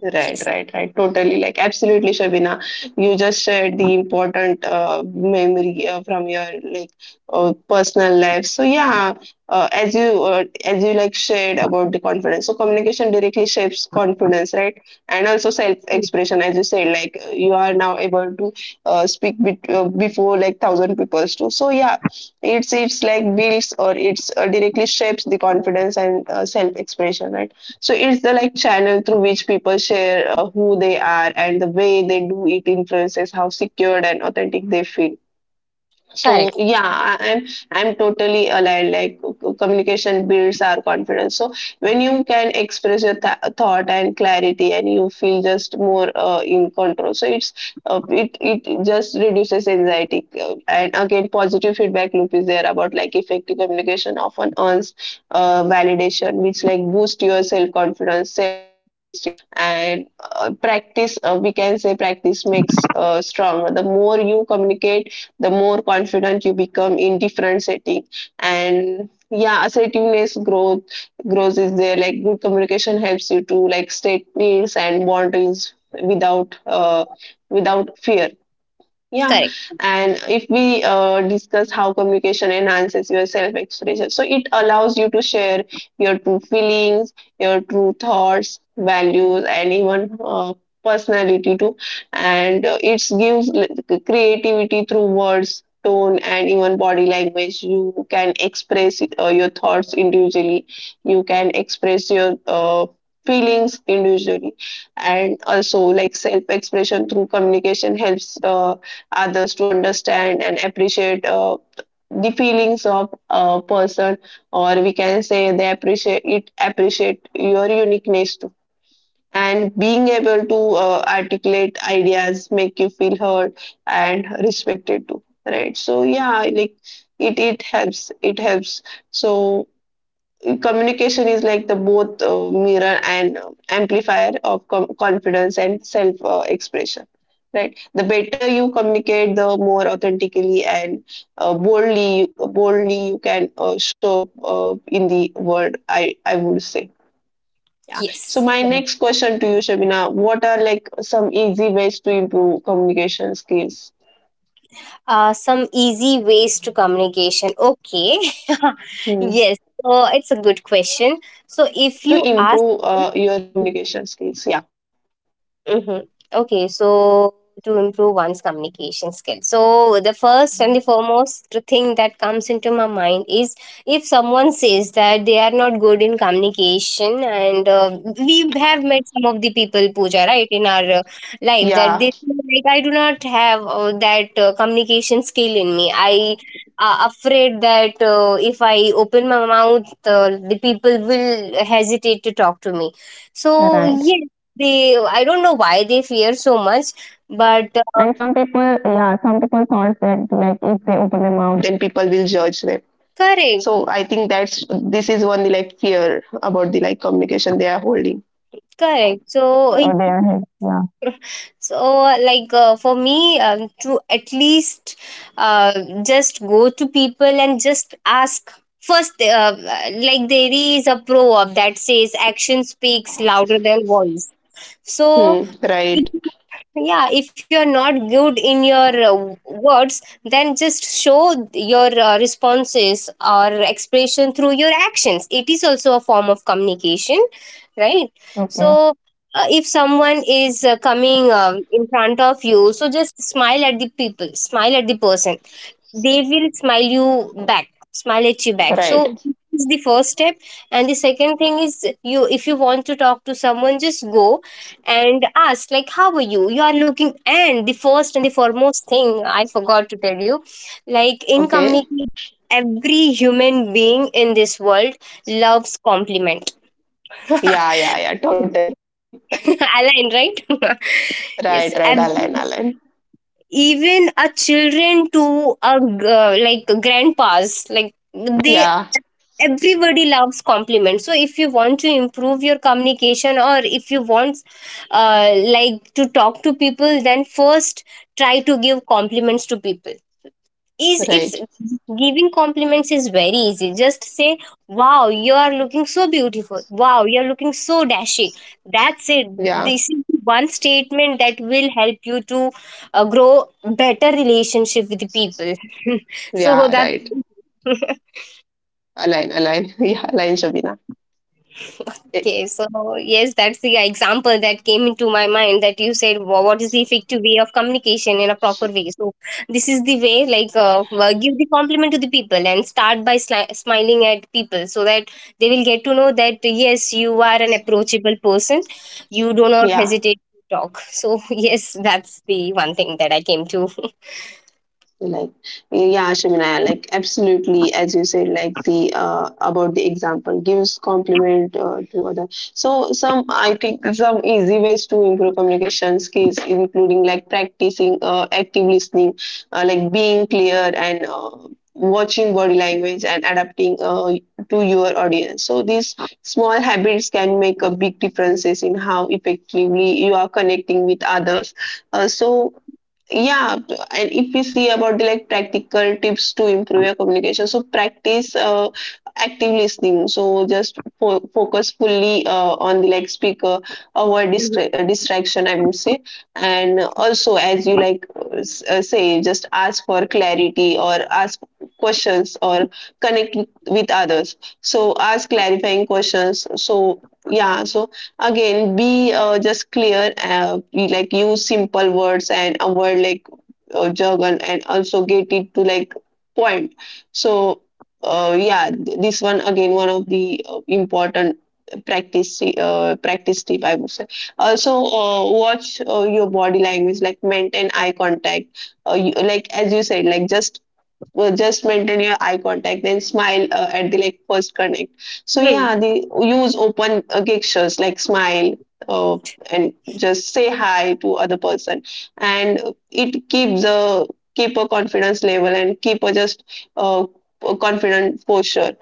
Right,
Yes,
right, right. Totally, like absolutely, Shabina. You just shared the important memory from your like personal life. So yeah, as you like shared about the confidence. So communication directly shapes confidence, right? And also self-expression, as you said, like you are now able to speak be before like thousand people too. So yeah, it's like builds, or it's directly shapes the confidence and self-expression, right? So it's the like channel through which people share who they are, and the way they do it influences how secured and authentic they feel. So
correct,
yeah, I'm totally aligned. Like communication builds our confidence. So when you can express your thought and clarity, and you feel just more in control, so it just reduces anxiety. And again, positive feedback loop is there about like effective communication often earns validation, which like boost your self confidence, self esteem, and practice. We can say practice makes stronger. The more you communicate, the more confident you become in different setting. And yeah, assertiveness growth grows is there, like good communication helps you to like state needs and boundaries without uh, without fear, yeah,
correct.
and if we discuss how communication enhances your self expression, so it allows you to share your true feelings, your true thoughts, values, and even personality too. And it gives creativity through words, tone, and even body language. You can express your thoughts individually, you can express your feelings individually. And also, like, self expression through communication helps others to understand and appreciate the feelings of a person, or we can say they appreciate your uniqueness too. And being able to articulate ideas make you feel heard and respected too, right? So yeah, like it helps. So communication is like the both mirror and amplifier of confidence and self expression. Right. The better you communicate, the more authentically and boldly you can show up in the world, I would say. Yeah. So
Yes.
my next question to you, Shabina, what are, like, some easy ways to improve communication skills?
Some easy ways to communication. Okay.
Hmm.
Yes. So it's a good question. So if
To
you ask.
improve your communication skills. Yeah.
Mm-hmm. Okay, so to improve one's communication skills. So the first and the foremost thing that comes into my mind is, if someone says that they are not good in communication, and we have met some of the people, Pooja, right, in our life,
Yeah.
that they feel like, I do not have that communication skill in me. I afraid that if I open my mouth, the people will hesitate to talk to me. So
Right.
yes, they, I don't know why they fear so much.
And some people,
But
yeah, some people thought that, like, if they open their mouth, then people will judge them. So I think
correct,
that's, this is one, the like, fear about the like communication they are holding.
correct.
Or they
So,
are hate. Yeah.
so for me, to at least uh, just go to people and just ask first. Like there is a proverb that says, action speaks louder than words.
Hmm.
So
Right.
if, yeah, if you're not good in your words, then just show your responses or expression through your actions. It is also a form of communication, right?
Okay.
So if someone is coming in front of you, so just smile at the people, smile at the person. They will smile at you back.
Right.
So this is the first step. And the second thing is, you, if you want to talk to someone, just go and ask, like, how are you, you are looking. And the first and the foremost thing I forgot to tell you, like in
Okay.
communication, every human being in this world loves compliment.
Yeah. Yeah. Yeah. Totally. Right.
Align, right.
Right.
Yes.
Right.
And
Align. Align.
even a children to a like, grandpas, like they,
Yeah.
everybody loves compliments. So if you want to improve your communication, or if you want like, to talk to people, then first try to give compliments to people. Is it's
Right.
Giving compliments is very easy. Just say, wow, you are looking so beautiful, wow, you are looking so dashing. That's it.
Yeah.
This is one statement that will help you to grow better relationship with the people. So
Yeah.
that.
Right. Align. Align. Yeah. Align. Shabina. Eh,
Okay, so yes, that's the example that came into my mind, that you said, "Wha- what is the effective way of communication in a proper way? So this is the way, like, give the compliment to the people and start by smiling at people, so that they will get to know that, yes, you are an approachable person. You do not
yeah.
hesitate to talk. So yes, that's the one thing that I came to.
Like yeah, Shimina, like absolutely, as you said, like the about the example gives compliment to other. So some, I think, some easy ways to improve communication skills including like practicing active listening, like being clear and watching body language and adapting to your audience. So these small habits can make a big differences in how effectively you are connecting with others. So yeah, and if we see about the like practical tips to improve your communication, so practice active listening. So just focus fully on the like speaker, avoid
Mhm.
distraction, I would say. And also, as you, like, say, just ask for clarity or ask questions or connect with others. So ask clarifying questions. So yeah. So again, be just clear, like use simple words and avoid like jargon, and also get it to like point. So yeah, this one, again, one of the important practice tip, I would say. Also watch your body language, like maintain eye contact. You, like as you said, like just, well, just maintain your eye contact, then smile at the like first connect. So
Hmm.
yeah, the use open gestures like smile, uh, and just say hi to other person. And it keeps a, keep a confidence level, and keep a just uh, confident posture.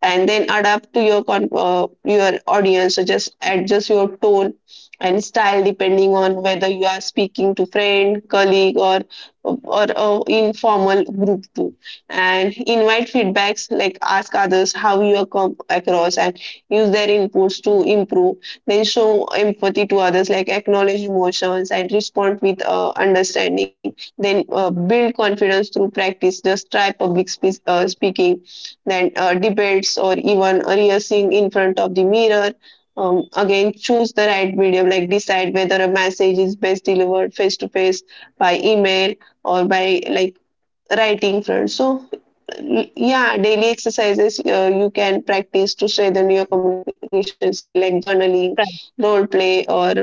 And then adapt to your your audience. So just adjust your tone and style depending on whether you are speaking to friend, colleague, or a informal group too. And invite feedbacks, like ask others how you are come across, and use their inputs to improve. Then show empathy to others, like acknowledge emotions and respond with understanding. Then build confidence through practice, just try public speaking, then debates or even rehearsing in front of the mirror. Again, choose the right medium, like decide whether a message is best delivered face to face, by email, or by like writing front. So yeah, daily exercises you can practice to strengthen your communication skill, like journaling,
Correct,
role play, or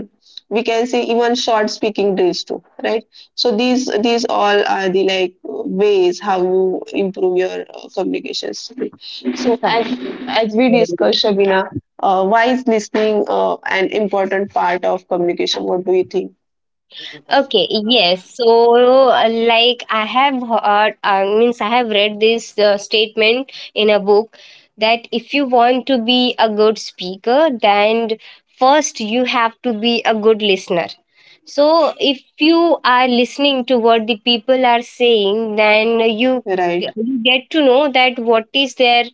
we can say even short speaking drills too, right? So these all are the like ways how you improve your communication skill. So as
correct.
as we discussed, Shabina, why is listening an important part of communication? What do you think?
Okay, yes. So, like, I have heard, I means, I have read this statement in a book, that if you want to be a good speaker, then first you have to be a good listener. So if you are listening to what the people are saying, then you
Right?
you get to know that what is their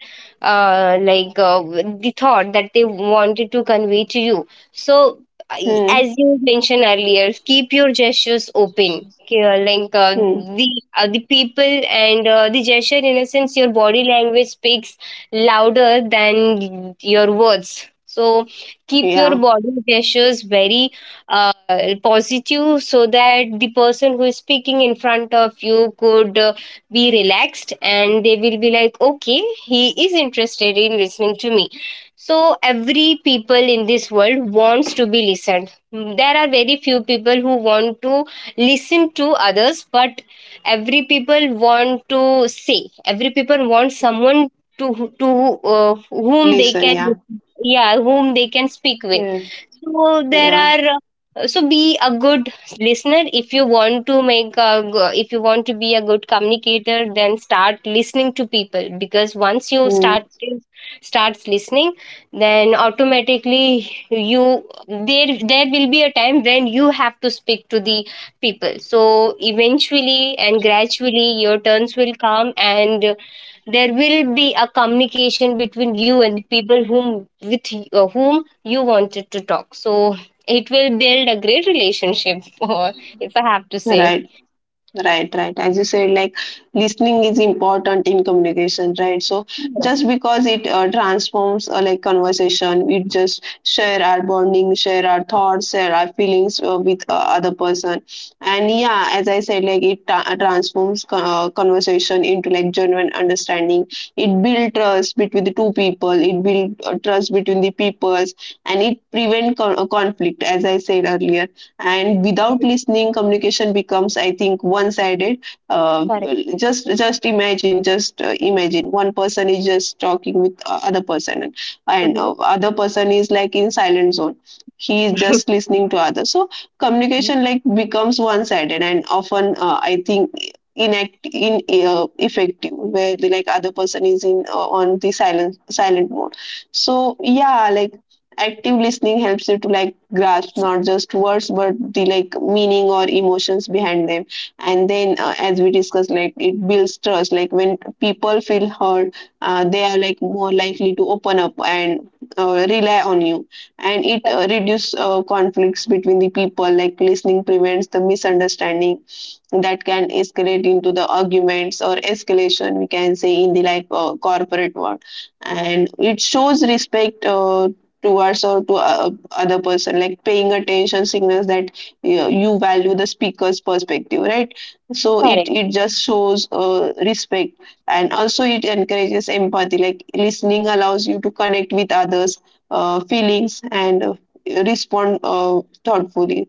uh, like uh, the thought that they wanted to convey to you. So
Hmm.
as you mentioned earlier, keep your gestures open. Okay, like
Hmm.
the the people and the gesture, in a sense, your body language speaks louder than your words. So keep your
Yeah.
body gestures very uh, positive, so that the person who is speaking in front of you could be relaxed, and they will be like, okay, he is interested in listening to me. So every people in this world wants to be listened. Mm, there are very few people who want to listen to others, but every people want to say, every people want someone to, whom they
Listen.
can,
Yeah.
yeah, whom they can speak with.
Yeah.
So there
Yeah.
are so be a good listener. If you want to make a, if you want to be a good communicator, then start listening to people, because once you
Hmm.
start starts listening, then automatically you, there will be a time when you have to speak to the people, so eventually and gradually your turns will come, and there will be a communication between you and the people whom with whom you wanted to talk. So it will build a great relationship, or if I have to say.
Right. Right, right. As you said, like, listening is important in communication, right? So, just because it transforms like conversation, we just share our bonding, share our thoughts, share our feelings with other person, and yeah, as I said, like it transforms conversation into like genuine understanding. It build trust between the two people. It build trust between the peoples, and it prevent conflict, as I said earlier. And without listening, communication becomes, I think, one sided. uh,
Correct.
just imagine, just imagine one person is just talking with other person, and
Mhm.
other person is like in silent zone. He is just listening to others. So communication, like, becomes one sided and often I think inact in effective, where the like other person is in on the silent mode. So yeah, like active listening helps you to like grasp not just words, but the like meaning or emotions behind them. And then as we discussed, like it builds trust. Like when people feel heard, they are like more likely to open up and rely on you. And it
Correct.
reduces conflicts between the people, like listening prevents the misunderstanding that can escalate into the arguments or escalation, we can say, in the like corporate world. And it shows respect towards or to other person, like paying attention signals that you value the speaker's perspective, right? So it
Correct.
it just shows respect. And also it encourages empathy, like listening allows you to connect with others feelings and respond thoughtfully.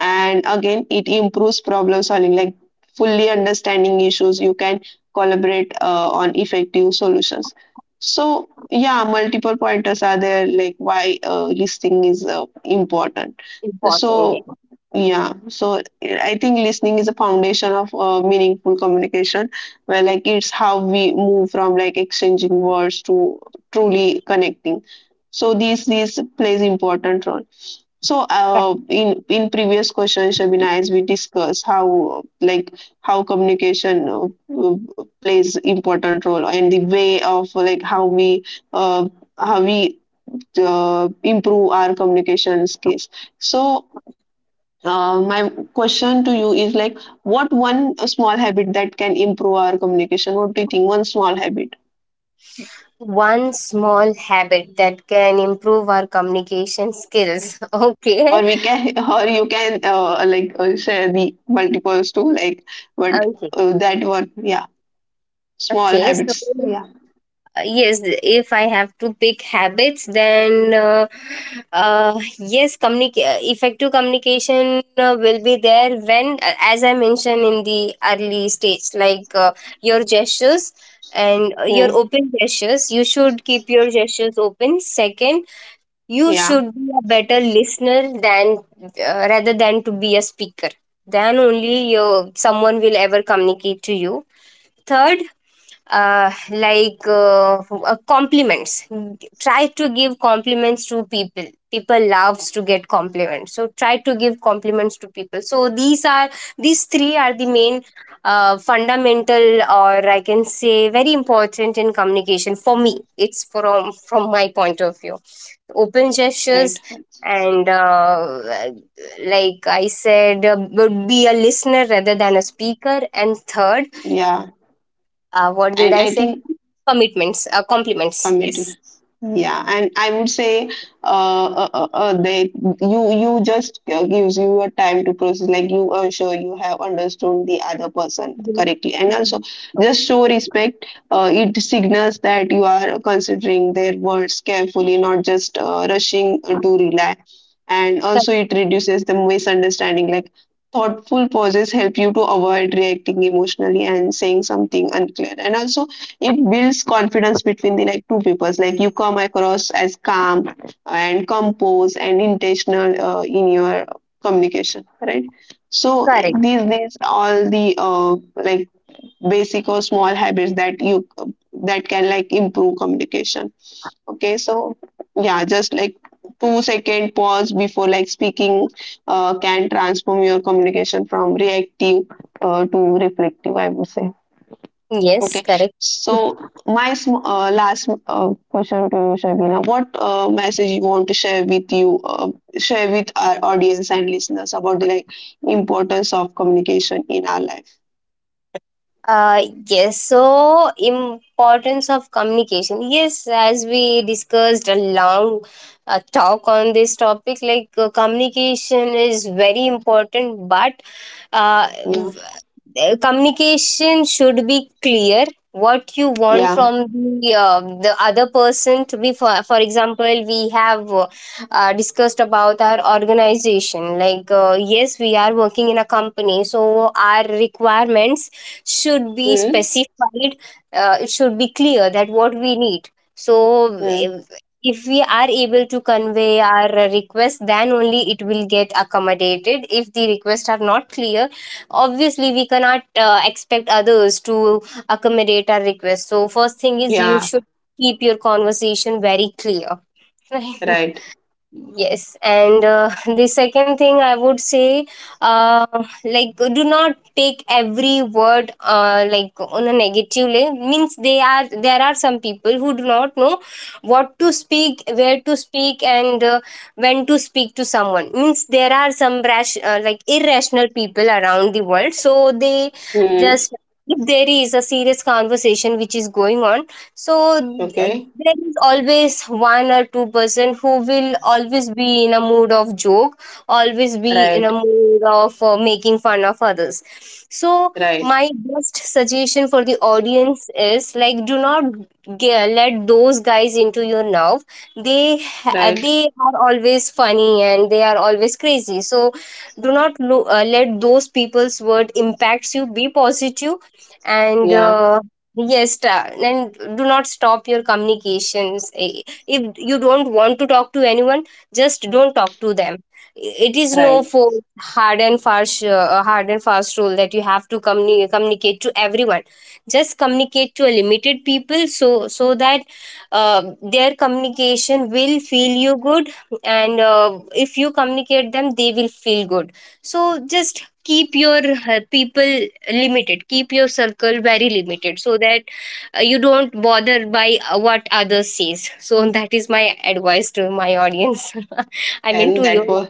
And again, it improves problem solving, like fully understanding issues, you can collaborate on effective solutions. So yeah, multiple pointers are there, like why listening is important. So
Important, yeah.
yeah, so I think listening is a foundation of meaningful communication, where, like, it's how we move from, like, exchanging words to truly connecting. So this plays important role. So,
Correct.
in previous questions, Shabina, as we discussed how, like, how communication uh, plays important role, and the way of, like, uh, how we improve our communication skills. So, my question to you is, like, what one small habit that can improve our communication? What do you think? One small habit,
One small habit that can improve our communication skills. Okay.
or we can, or you can like share the multiples too, like, but
Okay.
that one, yeah. Small
Okay. So
habits, yeah.
Yes, if I have to pick habits, then yes, effective communication will be there when, as I mentioned in the early stage, like your gestures, and your
Hmm.
open gestures, you should keep your gestures open. Second, you
Yeah.
should be a better listener than rather than to be a speaker, then only your someone will ever communicate to you. Third, compliments, try to give compliments to people. People loves to get compliments, so try to give compliments to people. So these are, these three are the main fundamental, or I can say very important in communication, for me it's, from my point of view, open
Right.
gestures,
That's-
and like I said, would be a listener rather than a speaker, and third,
yeah.
what did
And
I
I
say?
think
Commitments, compliments. Yes.
committed, yeah, and I would say they, you just gives you a time to process, like you are sure you have understood the other person
Mhm.
correctly. And also, just show respect. It signals that you are considering their words carefully, not just rushing to rely. And
Cor-
also, it reduces the misunderstanding, like thoughtful pauses help you to avoid reacting emotionally and saying something unclear. And also, it builds confidence between the like two peoples, like you come across as calm and composed and intentional in your communication, right? So
Correct.
these all the like basic or small habits that you, that can, like, improve communication. Okay, so yeah, just like 2 second pause before like speaking can transform your communication from reactive to reflective, I would say.
Yes,
Okay.
correct.
So my sm last question to you, Shabina. What message you want to share with you, share with our audience and listeners about the like importance of communication in our life?
Uh, yes, so importance of communication. Yes, as we discussed, a long talk on this topic, like communication is very important, but uh,
Yeah.
communication should be clear what you want
Yeah.
from the other person to be. For example, we have discussed about our organization, like yes, we are working in a company, so our requirements should be
Hmm.
specified. It should be clear that what we need. So
Hmm.
if we are able to convey our request, then only it will get accommodated. If the requests are not clear, obviously we cannot expect others to accommodate our request. So first thing is, you
Yeah.
should keep your conversation very clear.
Right.
Yes, and the second thing I would say, uh, like, do not take every word like on a negative way. Means they are, there are some people who do not know what to speak, where to speak, and when to speak to someone. Means there are some rash, like irrational people around the world. So they
Hmm.
just, if there is a serious conversation which is going on, so uh,
Okay.
there is always one or two-person who will always be in a mood of joke, always be in a
Right.
mood of making fun of others. So
Right.
my best suggestion for the audience is like, do not let those guys into your nerve. they ha-
Right.
they are always funny and they are always crazy, so do not let those people's word impacts you. Be positive, and
Yeah.
yes, and do not stop your communications. Eh, if you don't want to talk to anyone, just don't talk to them. It is no
Right.
for hard and fast rule that you have to communicate to everyone. Just communicate to a limited people, so that their communication will feel you good, and if you communicate them, they will feel good. So just keep your people limited, keep your circle very limited, so that you don't bother by what others says. So that is my advice to my audience. I mean
And
to your
that was,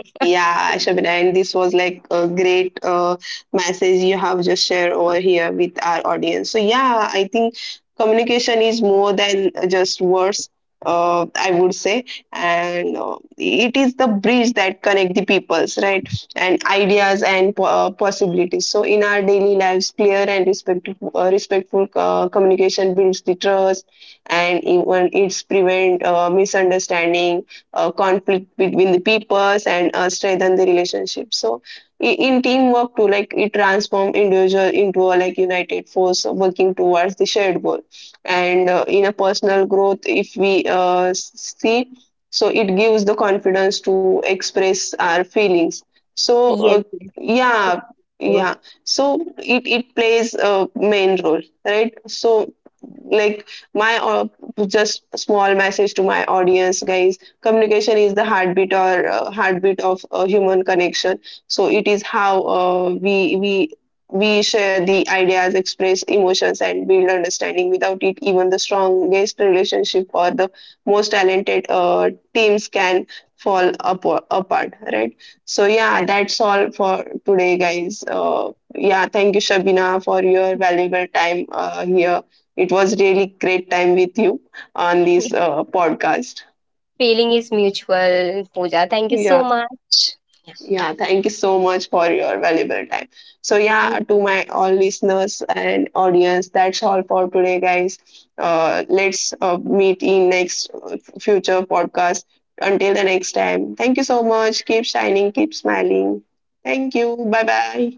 yeah, Shabina, and this was like a great message you have just shared over here with our audience. So, yeah, I think communication is more than just words, I would say. And it is the bridge that connect the peoples, right? And ideas and possibilities. So, in our daily lives, clear and respectful, respectful communication builds the trust, and even it's prevent misunderstanding, conflict between the peoples, and strengthen the relationship. So in teamwork too, like it transform individual into a like united force working towards the shared goal. And in a personal growth, if we see, so it gives the confidence to express our feelings. So
yes, yes.
yeah, yeah,
True,
so it plays a main role, right? So like my just small message to my audience guys, communication is the heartbeat or heartbeat of human connection. So it is how we we share the ideas, express emotions, and build understanding. Without it, even the strongest relationship or the most talented teams can fall apart, right? So yeah,
correct.
that's all for today, guys. Yeah, thank you, Shabina, for your valuable time here. It was really great time with you on this podcast.
Feeling is mutual, Pooja, thank you so
Yeah.
much.
Yeah, thank you so much for your valuable time. So, yeah,
Thank
to my all listeners and audience, that's all for today, guys. Let's meet in next future podcast. Until the next time, thank you so much. Keep shining, keep smiling. Thank you. Bye bye.